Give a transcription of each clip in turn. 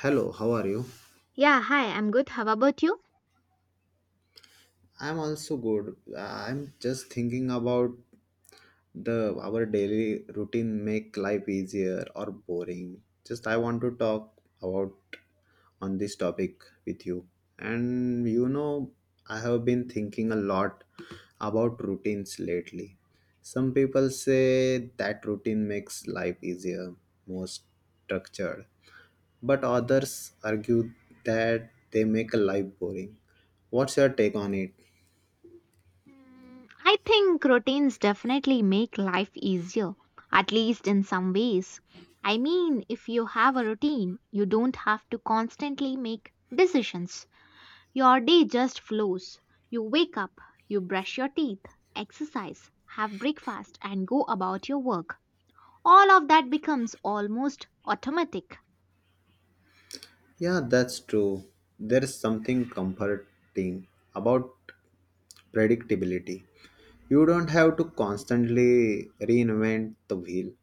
Hello, how are you? Yeah, hi, I'm good. How about you? I'm also good. I'm just thinking about the our daily routine make life easier or boring. Just I want to talk about on this topic with you. And you know, I have been thinking a lot about routines lately. Some people say that routine makes life easier, more structured, but others argue that they make a life boring. What's your take on it? I think routines definitely make life easier, at least in some ways. I mean, if you have a routine, you don't have to constantly make decisions. Your day just flows. You wake up, you brush your teeth, exercise, have breakfast, and go about your work. All of that becomes almost automatic. Yeah, that's true. There is something comforting about predictability. You don't have to constantly reinvent the wheel.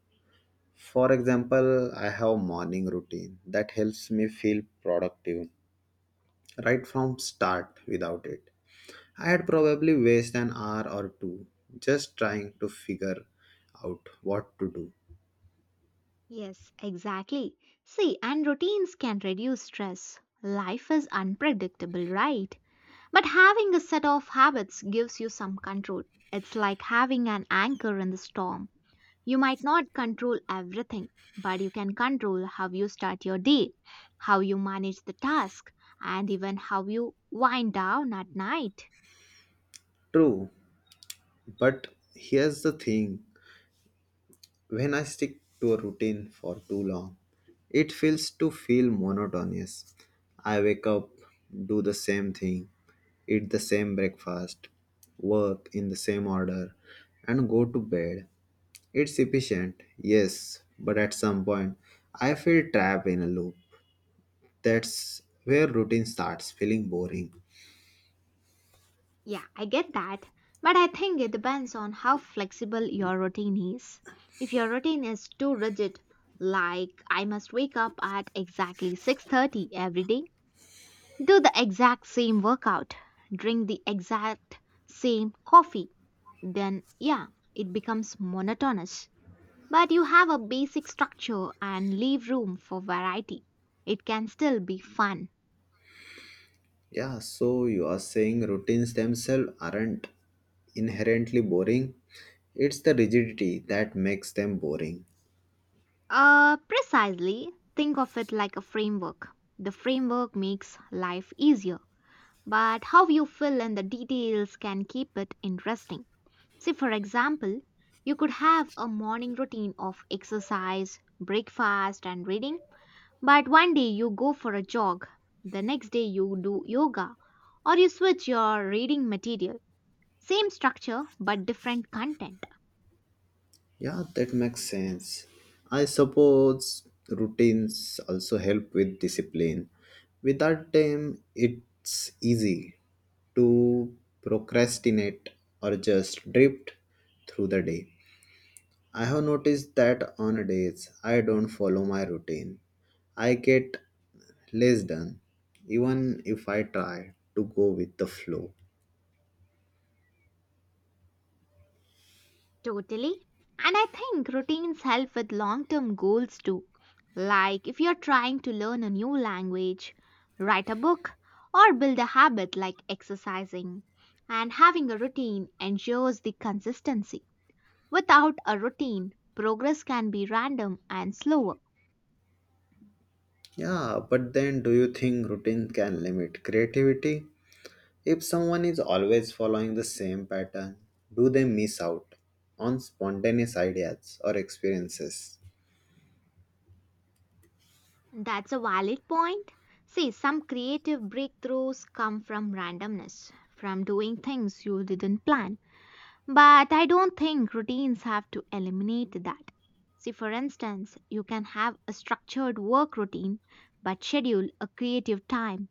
For example, I have morning routine that helps me feel productive right from start without it. I'd probably waste an hour or two just trying to figure out what to do. Yes, exactly. See, and routines can reduce stress. Life is unpredictable, right? But having a set of habits gives you some control. It's like having an anchor in the storm. You might not control everything, but you can control how you start your day, how you manage the task, and even how you wind down at night. True. But here's the thing, when I stick to a routine for too long, it feel monotonous. I wake up, do the same thing, eat the same breakfast, work in the same order, and go to bed. It's efficient, yes, but at some point, I feel trapped in a loop. That's where routine starts feeling boring. Yeah, I get that. But I think it depends on how flexible your routine is. If your routine is too rigid, like I must wake up at exactly 6:30 every day, do the exact same workout, drink the exact same coffee, then yeah, it becomes monotonous. But you have a basic structure and leave room for variety. It can still be fun. Yeah, so you are saying routines themselves aren't inherently boring. It's the rigidity that makes them boring. Precisely, think of it like a framework. The framework makes life easier, but how you fill in the details can keep it interesting. See, for example, you could have a morning routine of exercise, breakfast, and reading, but one day you go for a jog, the next day you do yoga, or you switch your reading material. Same structure, but different content. Yeah, that makes sense. I suppose routines also help with discipline. Without them, it's easy to procrastinate or just drift through the day. I have noticed that on days I don't follow my routine, I get less done, even if I try to go with the flow. Totally. And I think routines help with long term goals too. Like if you're trying to learn a new language, write a book, or build a habit like exercising. And having a routine ensures the consistency. Without a routine, progress can be random and slower. Yeah, but then do you think routine can limit creativity? If someone is always following the same pattern, do they miss out on spontaneous ideas or experiences? That's a valid point. See, some creative breakthroughs come from randomness, from doing things you didn't plan. But I don't think routines have to eliminate that. See, for instance, you can have a structured work routine but schedule a creative time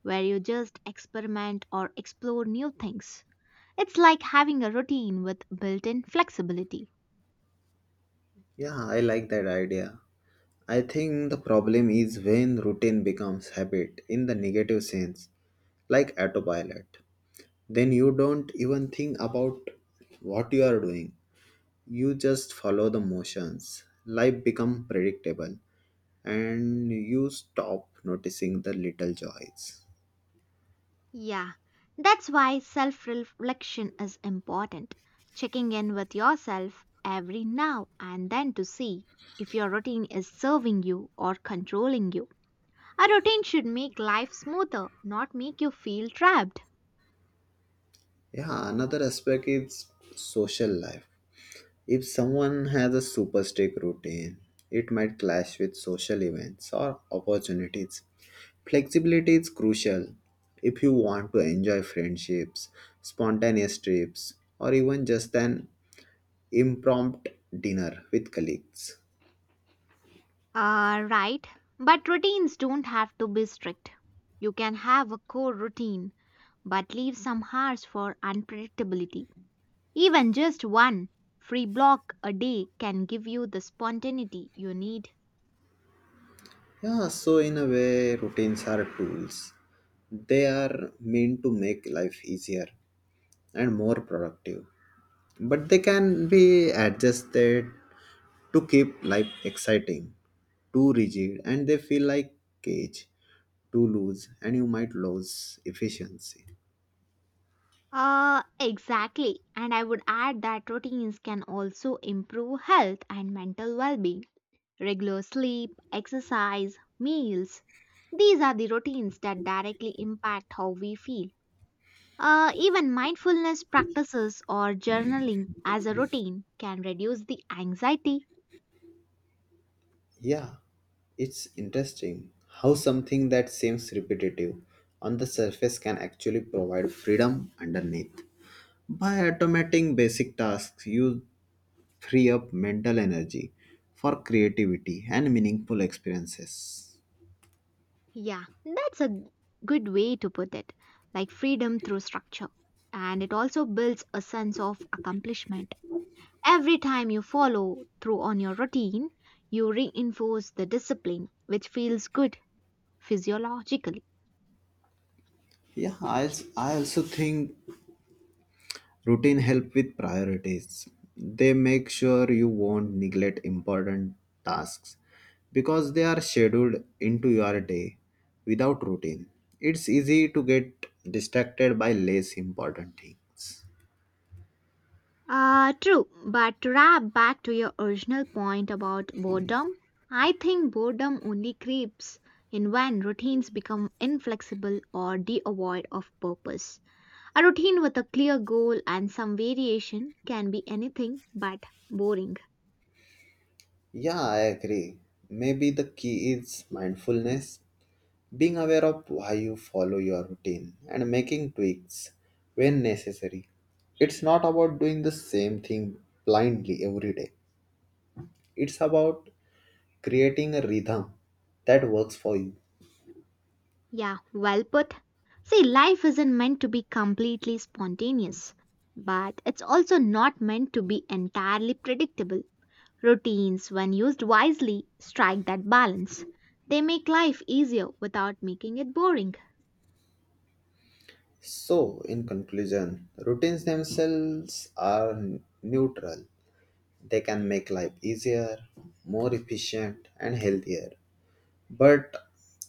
where you just experiment or explore new things. It's like having a routine with built in flexibility. Yeah, I like that idea. I think the problem is when routine becomes habit in the negative sense, like autopilot. Then you don't even think about what you are doing. You just follow the motions. Life become predictable and you stop noticing the little joys. Yeah, that's why self reflection is important. Checking in with yourself every now and then to see if your routine is serving you or controlling you. A routine should make life smoother, not make you feel trapped. Yeah, another aspect is social life. If someone has a super strict routine, it might clash with social events or opportunities. Flexibility is crucial if you want to enjoy friendships, spontaneous trips, or even just an impromptu dinner with colleagues. Right, but routines don't have to be strict. You can have a core routine, but leave some hours for unpredictability. Even just one free block a day can give you the spontaneity you need. Yeah, so in a way, routines are tools. They are meant to make life easier and more productive, but they can be adjusted to keep life exciting. Too rigid, and they feel like cage. Too loose, and you might lose efficiency. Exactly. And I would add that routines can also improve health and mental well being. Regular sleep, exercise, meals. These are the routines that directly impact how we feel. Even mindfulness practices or journaling as a routine can reduce the anxiety. Yeah, it's interesting how something that seems repetitive on the surface can actually provide freedom underneath. By automating basic tasks, you free up mental energy for creativity and meaningful experiences. Yeah, that's a good way to put it, like freedom through structure. And it also builds a sense of accomplishment. Every time you follow through on your routine, you reinforce the discipline, which feels good physiologically. Yeah, I also think routine help with priorities. They make sure you won't neglect important tasks because they are scheduled into your day. Without routine, it's easy to get distracted by less important things. True, but to wrap back to your original point about boredom, I think boredom only creeps in when routines become inflexible or devoid of purpose. A routine with a clear goal and some variation can be anything but boring. Yeah, I agree. Maybe the key is mindfulness, being aware of why you follow your routine and making tweaks when necessary. It's not about doing the same thing blindly every day. It's about creating a rhythm that works for you. Yeah, well put. See, life isn't meant to be completely spontaneous, but it's also not meant to be entirely predictable. Routines, when used wisely, strike that balance. They make life easier without making it boring. So, in conclusion, routines themselves are neutral. They can make life easier, more efficient, and healthier. But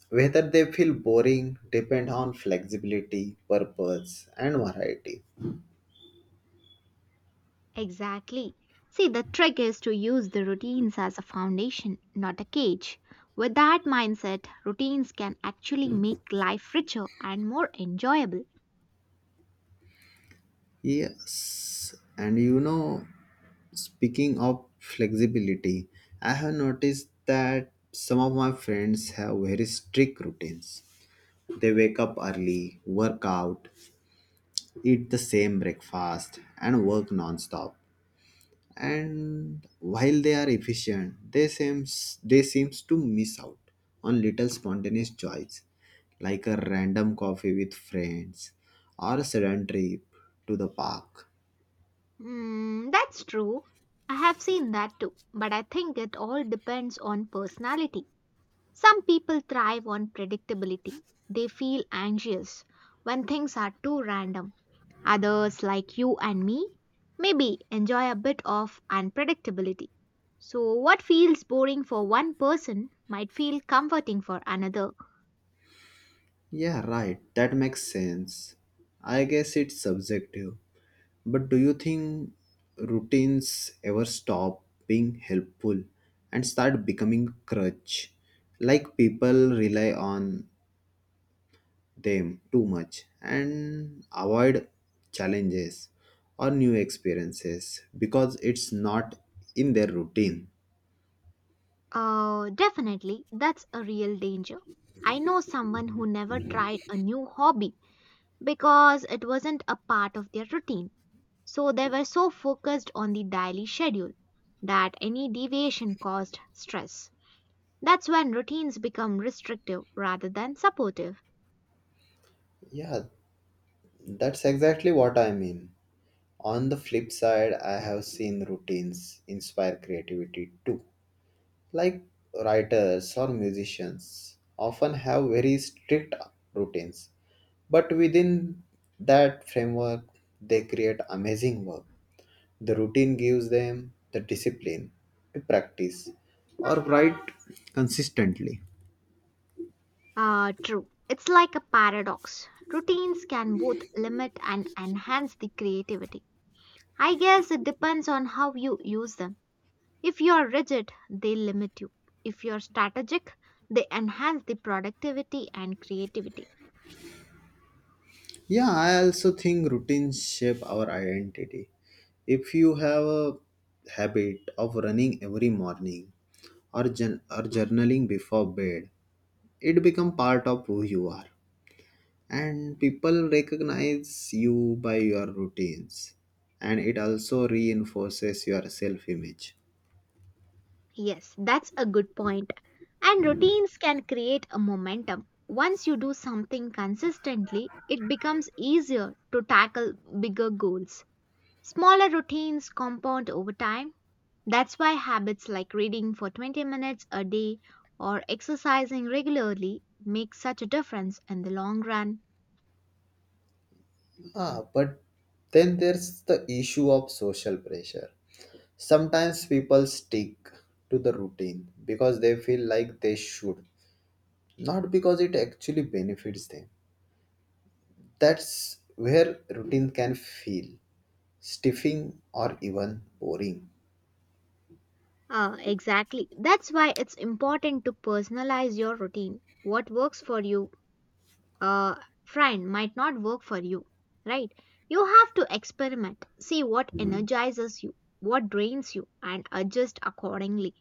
whether they feel boring depends on flexibility, purpose, and variety. Exactly. See, the trick is to use the routines as a foundation, not a cage. With that mindset, routines can actually make life richer and more enjoyable. Yes, and you know, speaking of flexibility, I have noticed that some of my friends have very strict routines. They wake up early, work out, eat the same breakfast, and work non-stop. And while they are efficient, they seems to miss out on little spontaneous joys, like a random coffee with friends or a sudden trip to the park. That's true. I have seen that too, but I think it all depends on personality. Some people thrive on predictability. They feel anxious when things are too random. Others, like you and me, maybe enjoy a bit of unpredictability. So, what feels boring for one person might feel comforting for another. Yeah, right. That makes sense. I guess it's subjective. But do you think routines ever stop being helpful and start becoming crutch? Like people rely on them too much and avoid challenges or new experiences because it's not in their routine. Definitely, that's a real danger. I know someone who never tried a new hobby because it wasn't a part of their routine. So they were so focused on the daily schedule that any deviation caused stress. That's when routines become restrictive rather than supportive. Yeah, that's exactly what I mean. On the flip side, I have seen routines inspire creativity too, like writers or musicians often have very strict routines, but within that framework they create amazing work. The routine gives them the discipline to practice or write consistently. True. It's like a paradox. Routines can both limit and enhance the creativity. I guess it depends on how you use them. If you are rigid, they limit you. If you are strategic, they enhance the productivity and creativity. Yeah, I also think routines shape our identity. If you have a habit of running every morning, or journaling before bed, it becomes part of who you are, and people recognize you by your routines, and it also reinforces your self image. Yes, that's a good point. And routines can create a momentum. Once you do something consistently, it becomes easier to tackle bigger goals. Smaller routines compound over time. That's why habits like reading for 20 minutes a day or exercising regularly make such a difference in the long run. Ah, but then there's the issue of social pressure. Sometimes people stick to the routine because they feel like they should, not because it actually benefits them. That's where routine can feel stiffing or even boring. Exactly. That's why it's important to personalize your routine. What works for you uh, friend might not work for you, right? You have to experiment, see what energizes you, what drains you, and adjust accordingly.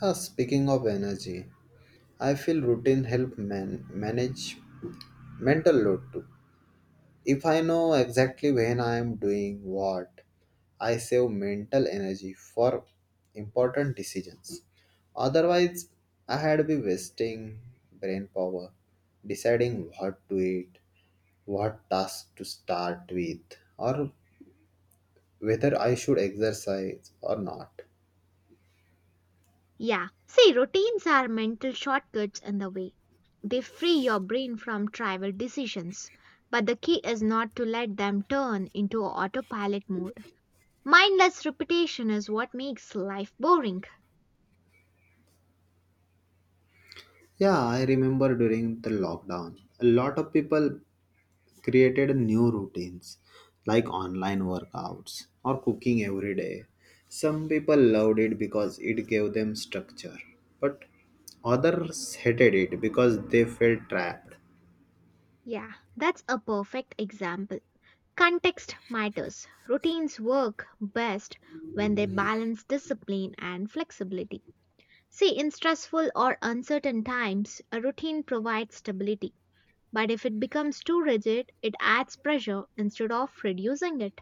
Yeah, speaking of energy, I feel routine help manage mental load too. If I know exactly when I am doing what, I save mental energy for important decisions. Otherwise, I had be wasting brain power deciding what to eat, what task to start with, or whether I should exercise or not. Yeah, see, routines are mental shortcuts in the way. They free your brain from trivial decisions, but the key is not to let them turn into autopilot mode. Mindless repetition is what makes life boring. Yeah, I remember during the lockdown, a lot of people created new routines like online workouts or cooking every day. Some people loved it because it gave them structure, but others hated it because they felt trapped. Yeah, that's a perfect example. Context matters. Routines work best when they balance discipline and flexibility. See, in stressful or uncertain times, a routine provides stability. But if it becomes too rigid, it adds pressure instead of reducing it.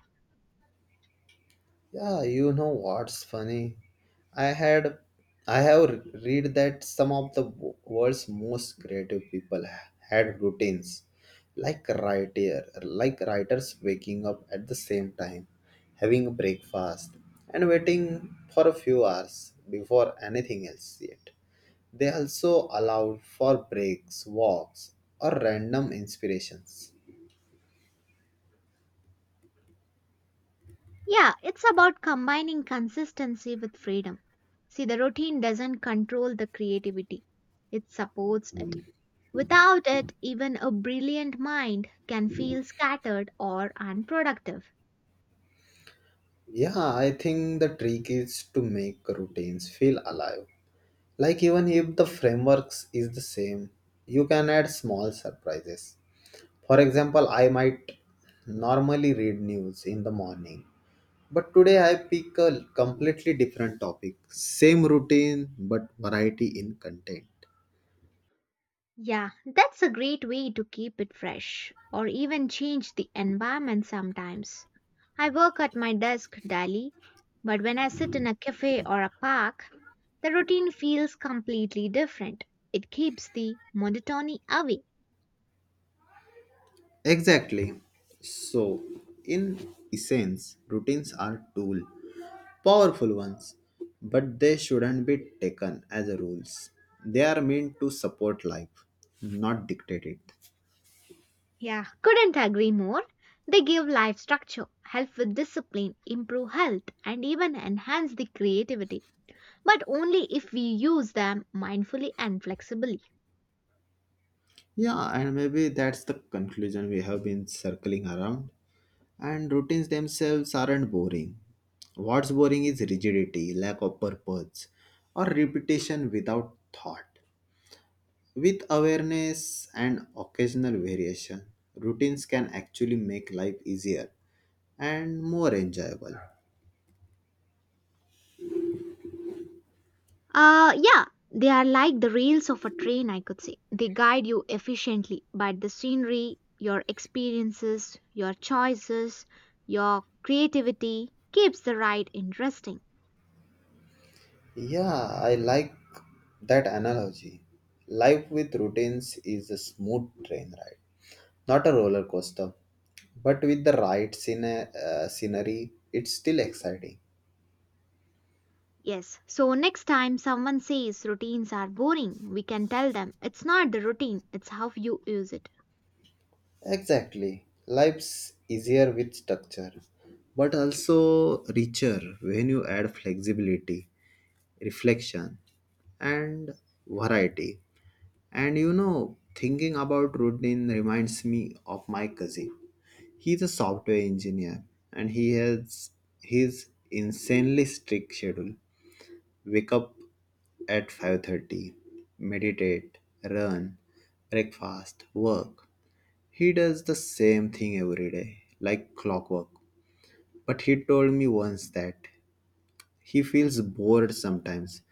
Yeah, you know what's funny? I had I have read that some of the world's most creative people had routines, like writers waking up at the same time, having a breakfast and waiting for a few hours before anything else yet. They also allowed for breaks, walks, or random inspirations. Yeah, it's about combining consistency with freedom. See, the routine doesn't control the creativity, it supports it. Without it, even a brilliant mind can feel scattered or unproductive. Yeah, I think the trick is to make routines feel alive. Like even if the frameworks is the same, you can add small surprises. For example, I might normally read news in the morning, but today I pick a completely different topic. Same routine, but variety in content. Yeah, that's a great way to keep it fresh or even change the environment sometimes. I work at my desk daily, but when I sit in a cafe or a park, the routine feels completely different. It keeps the monotony away. Exactly. So, in essence, routines are tool, powerful ones, but they shouldn't be taken as rules. They are meant to support life, not dictate it. Yeah, couldn't agree more. They give life structure, help with discipline, improve health, and even enhance the creativity, but only if we use them mindfully and flexibly. Yeah, and maybe that's the conclusion we have been circling around. And routines themselves aren't boring. What's boring is rigidity, lack of purpose, or repetition without thought. With awareness and occasional variation, routines can actually make life easier and more enjoyable. Yeah, they are like the rails of a train, I could say. They guide you efficiently, but the scenery, your experiences, your choices, your creativity keeps the ride interesting. Yeah, I like that analogy. Life with routines is a smooth train ride. Not a roller coaster, but with the right scenery, it's still exciting. Yes, so next time someone says routines are boring, we can tell them it's not the routine, it's how you use it. Exactly. Life's easier with structure, but also richer when you add flexibility, reflection, and variety. And you know, thinking about routine reminds me of my cousin. He's a software engineer and he has his insanely strict schedule. Wake up at 5:30, meditate, run, breakfast, work. He does the same thing every day like clockwork, but he told me once that he feels bored sometimes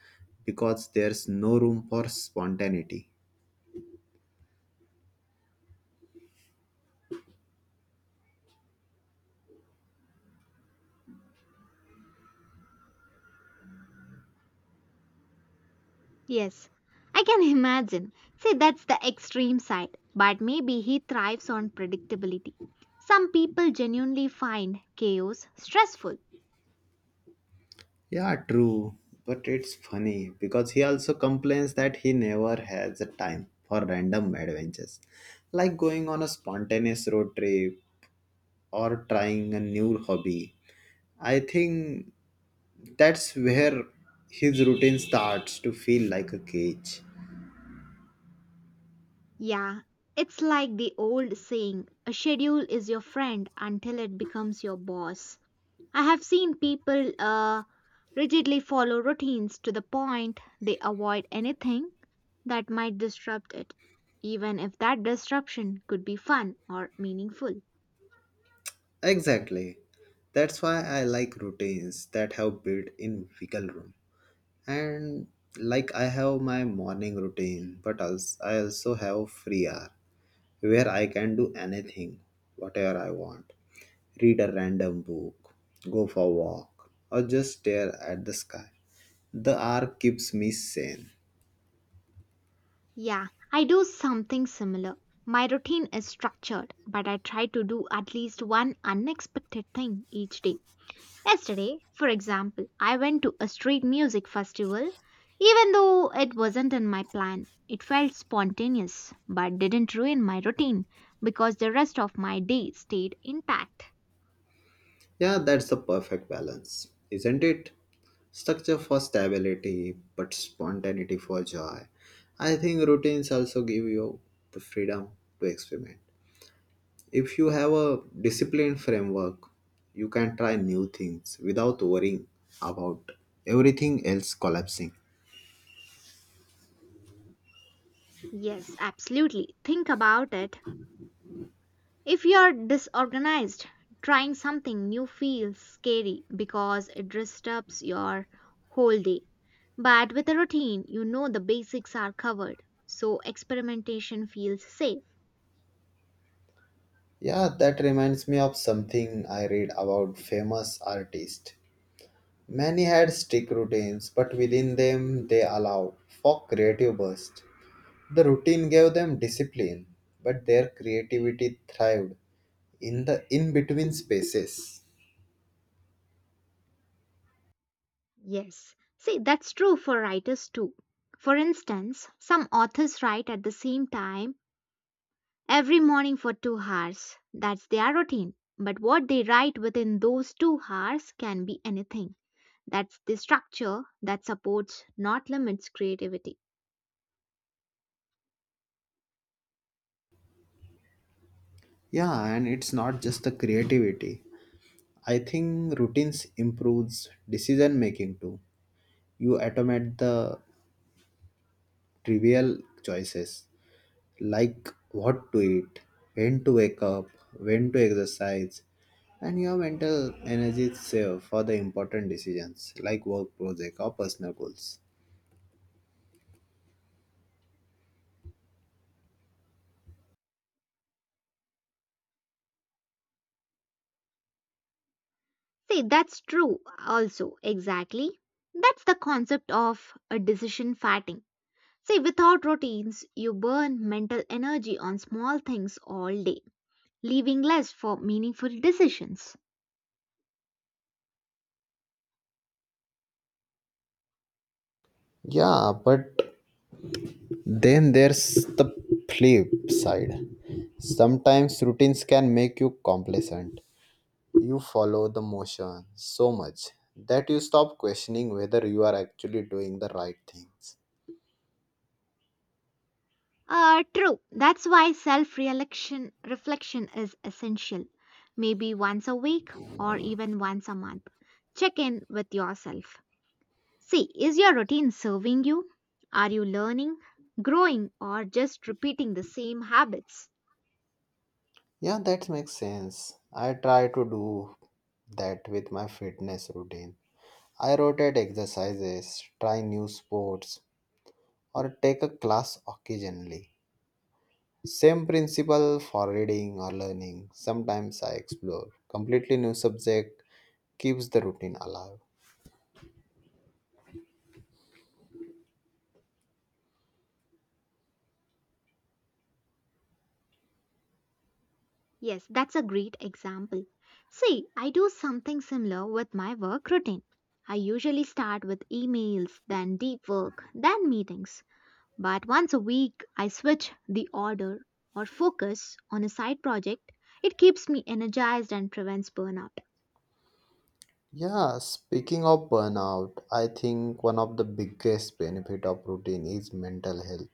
because there's no room for spontaneity. Yes, I can imagine. See, that's the extreme side, but maybe he thrives on predictability. Some people genuinely find chaos stressful. Yeah, true, but it's funny because he also complains that he never has the time for random adventures, like going on a spontaneous road trip or trying a new hobby. I think that's where his routine starts to feel like a cage. Yeah, it's like the old saying a schedule is your friend until it becomes your boss. I have seen people rigidly follow routines to the point they avoid anything that might disrupt it, even if that disruption could be fun or meaningful. Exactly. That's why I like routines that have built in wiggle room. And like I have my morning routine, but I also have free hour where I can do anything, whatever I want. Read a random book, go for a walk, or just stare at the sky. The hour keeps me sane. Yeah, I do something similar. My routine is structured, but I try to do at least one unexpected thing each day. Yesterday, for example, I went to a street music festival. Even though it wasn't in my plan, it felt spontaneous but didn't ruin my routine because the rest of my day stayed intact. Yeah, that's the perfect balance, isn't it? Structure for stability, but spontaneity for joy. I think routines also give you the freedom to experiment. If you have a disciplined framework, you can try new things without worrying about everything else collapsing. Yes, absolutely. Think about it. If you're disorganized, trying something new feels scary because it disrupts your whole day. But with a routine, you know the basics are covered, so experimentation feels safe. Yeah, that reminds me of something I read about famous artists. Many had strict routines, but within them they allowed for creative bursts. The routine gave them discipline, but their creativity thrived in the in between spaces. Yes. See, that's true for writers too. For instance, some authors write at the same time every morning for 2 hours. That's their routine. But what they write within those 2 hours can be anything. That's the structure that supports, not limits, creativity. Yeah, and it's not just the creativity. I think routines improves decision making too. You automate the trivial choices, like what to eat, when to wake up, when to exercise, and your mental energy is saved for the important decisions like work project or personal goals. See, that's true also, exactly. That's the concept of a decision fatting. See, without routines, you burn mental energy on small things all day leaving less for meaningful decisions. Yeah, but then there's the flip side. Sometimes routines can make you complacent. You follow the motion so much that you stop questioning whether you are actually doing the right things. True. That's why self reflection is essential. Maybe once a week or even once a month. Check in with yourself. See, is your routine serving you? Are you learning, growing, or just repeating the same habits? Yeah, that makes sense. I try to do that with my fitness routine. I rotate exercises, try new sports, or take a class occasionally. Same principle for reading or learning. Sometimes I explore completely new subject keeps the routine alive. Yes, that's a great example. See, I do something similar with my work routine. I usually start with emails, then deep work, then meetings. But once a week, I switch the order or focus on a side project. It keeps me energized and prevents burnout. Yeah, speaking of burnout, I think one of the biggest benefit of routine is mental health.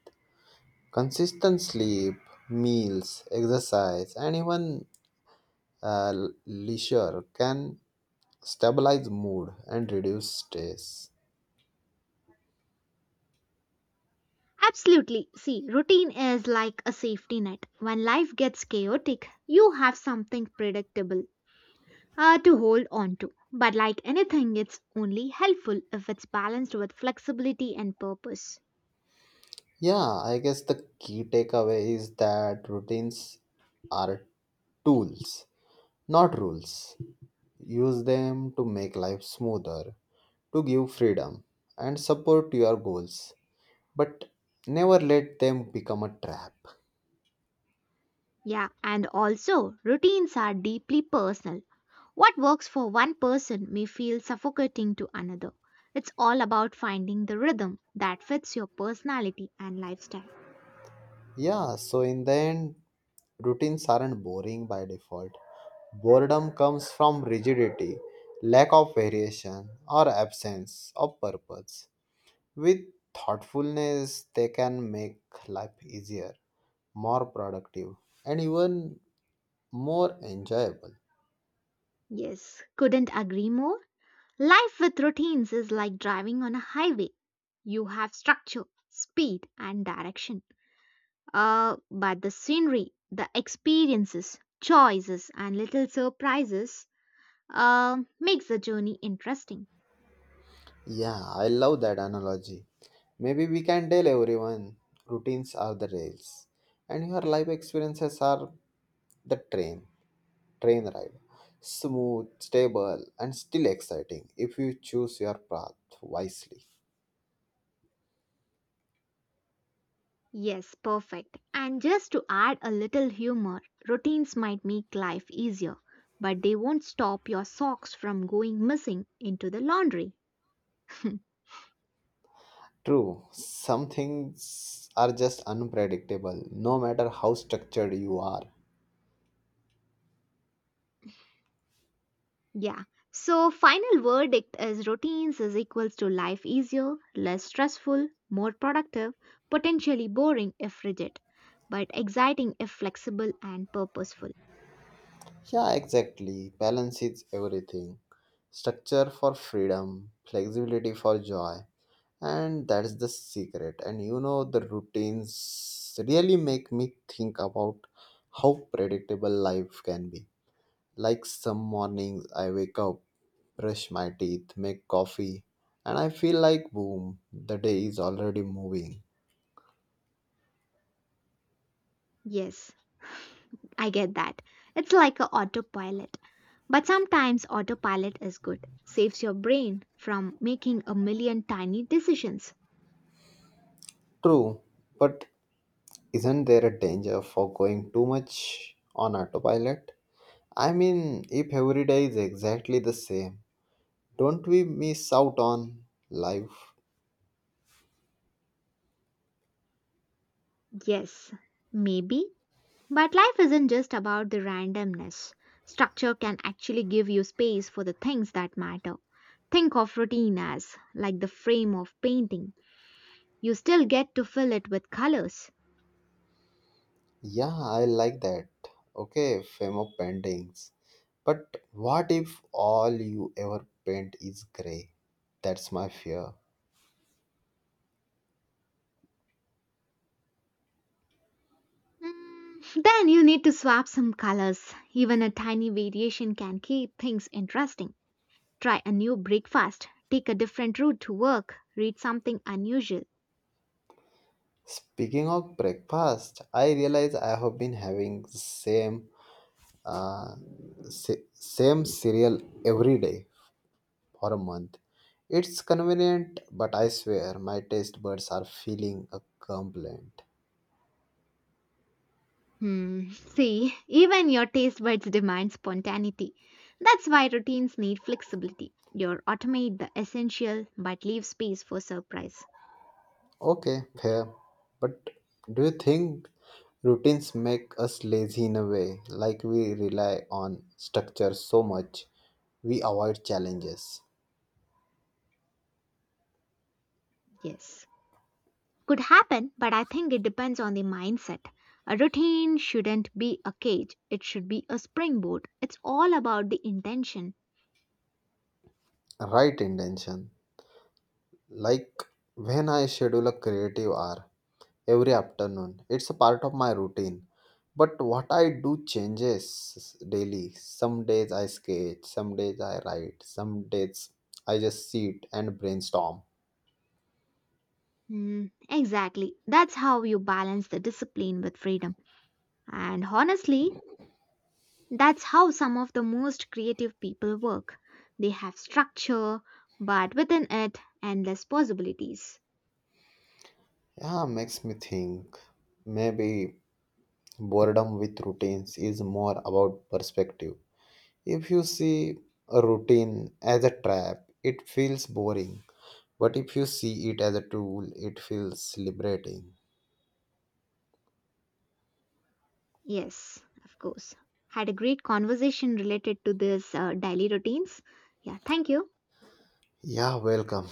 Consistent sleep, meals, exercise, and even uh, leisure can stabilize mood and reduce stress. Absolutely. See, routine is like a safety net. When life gets chaotic, you have something predictable to hold on to. But like anything, it's only helpful if it's balanced with flexibility and purpose. Yeah, I guess the key takeaway is that routines are tools, not rules. Use them to make life smoother, to give freedom, and support your goals. But never let them become a trap. Yeah, and also routines are deeply personal. What works for one person may feel suffocating to another. It's all about finding the rhythm that fits your personality and lifestyle. Yeah, so in the end, routines aren't boring by default. Boredom comes from rigidity, lack of variation, or absence of purpose. With thoughtfulness, they can make life easier, more productive, and even more enjoyable. Yes, couldn't agree more. Life with routines is like driving on a highway. You have structure, speed, and direction. But the scenery, the experiences, choices, and little surprises makes the journey interesting. Yeah, I love that analogy. Maybe we can tell everyone routines are the rails and your life experiences are the train ride. Smooth, stable, and still exciting if you choose your path wisely. Yes, perfect. And just to add a little humor, routines might make life easier, but they won't stop your socks from going missing into the laundry. True, some things are just unpredictable no matter how structured you are. Yeah. So final verdict is routines is equals to life easier, less stressful, more productive, potentially boring if rigid, but exciting if flexible and purposeful. Yeah, exactly. Balance is everything. Structure for freedom, flexibility for joy, and that's the secret. And you know, the routines really make me think about how predictable life can be. Like some mornings, I wake up, brush my teeth, make coffee, and I feel like, boom, the day is already moving. Yes. I get that. It's like a autopilot. But sometimes autopilot is good. Saves your brain from making a million tiny decisions. True, but isn't there a danger for going too much on autopilot? I mean, if every day is exactly the same, don't we miss out on life? Yes, maybe. But life isn't just about the randomness. Structure can actually give you space for the things that matter. Think of routine as like the frame of painting. You still get to fill it with colors. Yeah, I like that. Okay, fame of paintings. But what if all you ever paint is grey? That's my fear. Then you need to swap some colors. Even a tiny variation can keep things interesting. Try a new breakfast, take a different route to work, read something unusual. Speaking of breakfast, I realize I have been having the same uh, same cereal every day for a month. It's convenient, but I swear my taste buds are feeling a complaint. See, even your taste buds demand spontaneity. That's why routines need flexibility. You automate the essential but leave space for surprise. Okay, fair. But do you think routines make us lazy in a way? Like we rely on structure so much, we avoid challenges. Yes. Could happen, but I think it depends on the mindset. A routine shouldn't be a cage, it should be a springboard. It's all about the intention. Right intention. Like when I schedule a creative hour, every afternoon. It's a part of my routine. But what I do changes daily. Some days I sketch, some days I write, some days I just sit and brainstorm. Exactly. That's how you balance the discipline with freedom. And honestly, that's how some of the most creative people work. They have structure, but within it, endless possibilities. Yeah, makes me think. Maybe boredom with routines is more about perspective. If you see a routine as a trap, it feels boring. But if you see it as a tool, it feels liberating. Yes, of course. Had a great conversation related to this daily routines. Yeah, thank you. Yeah, welcome.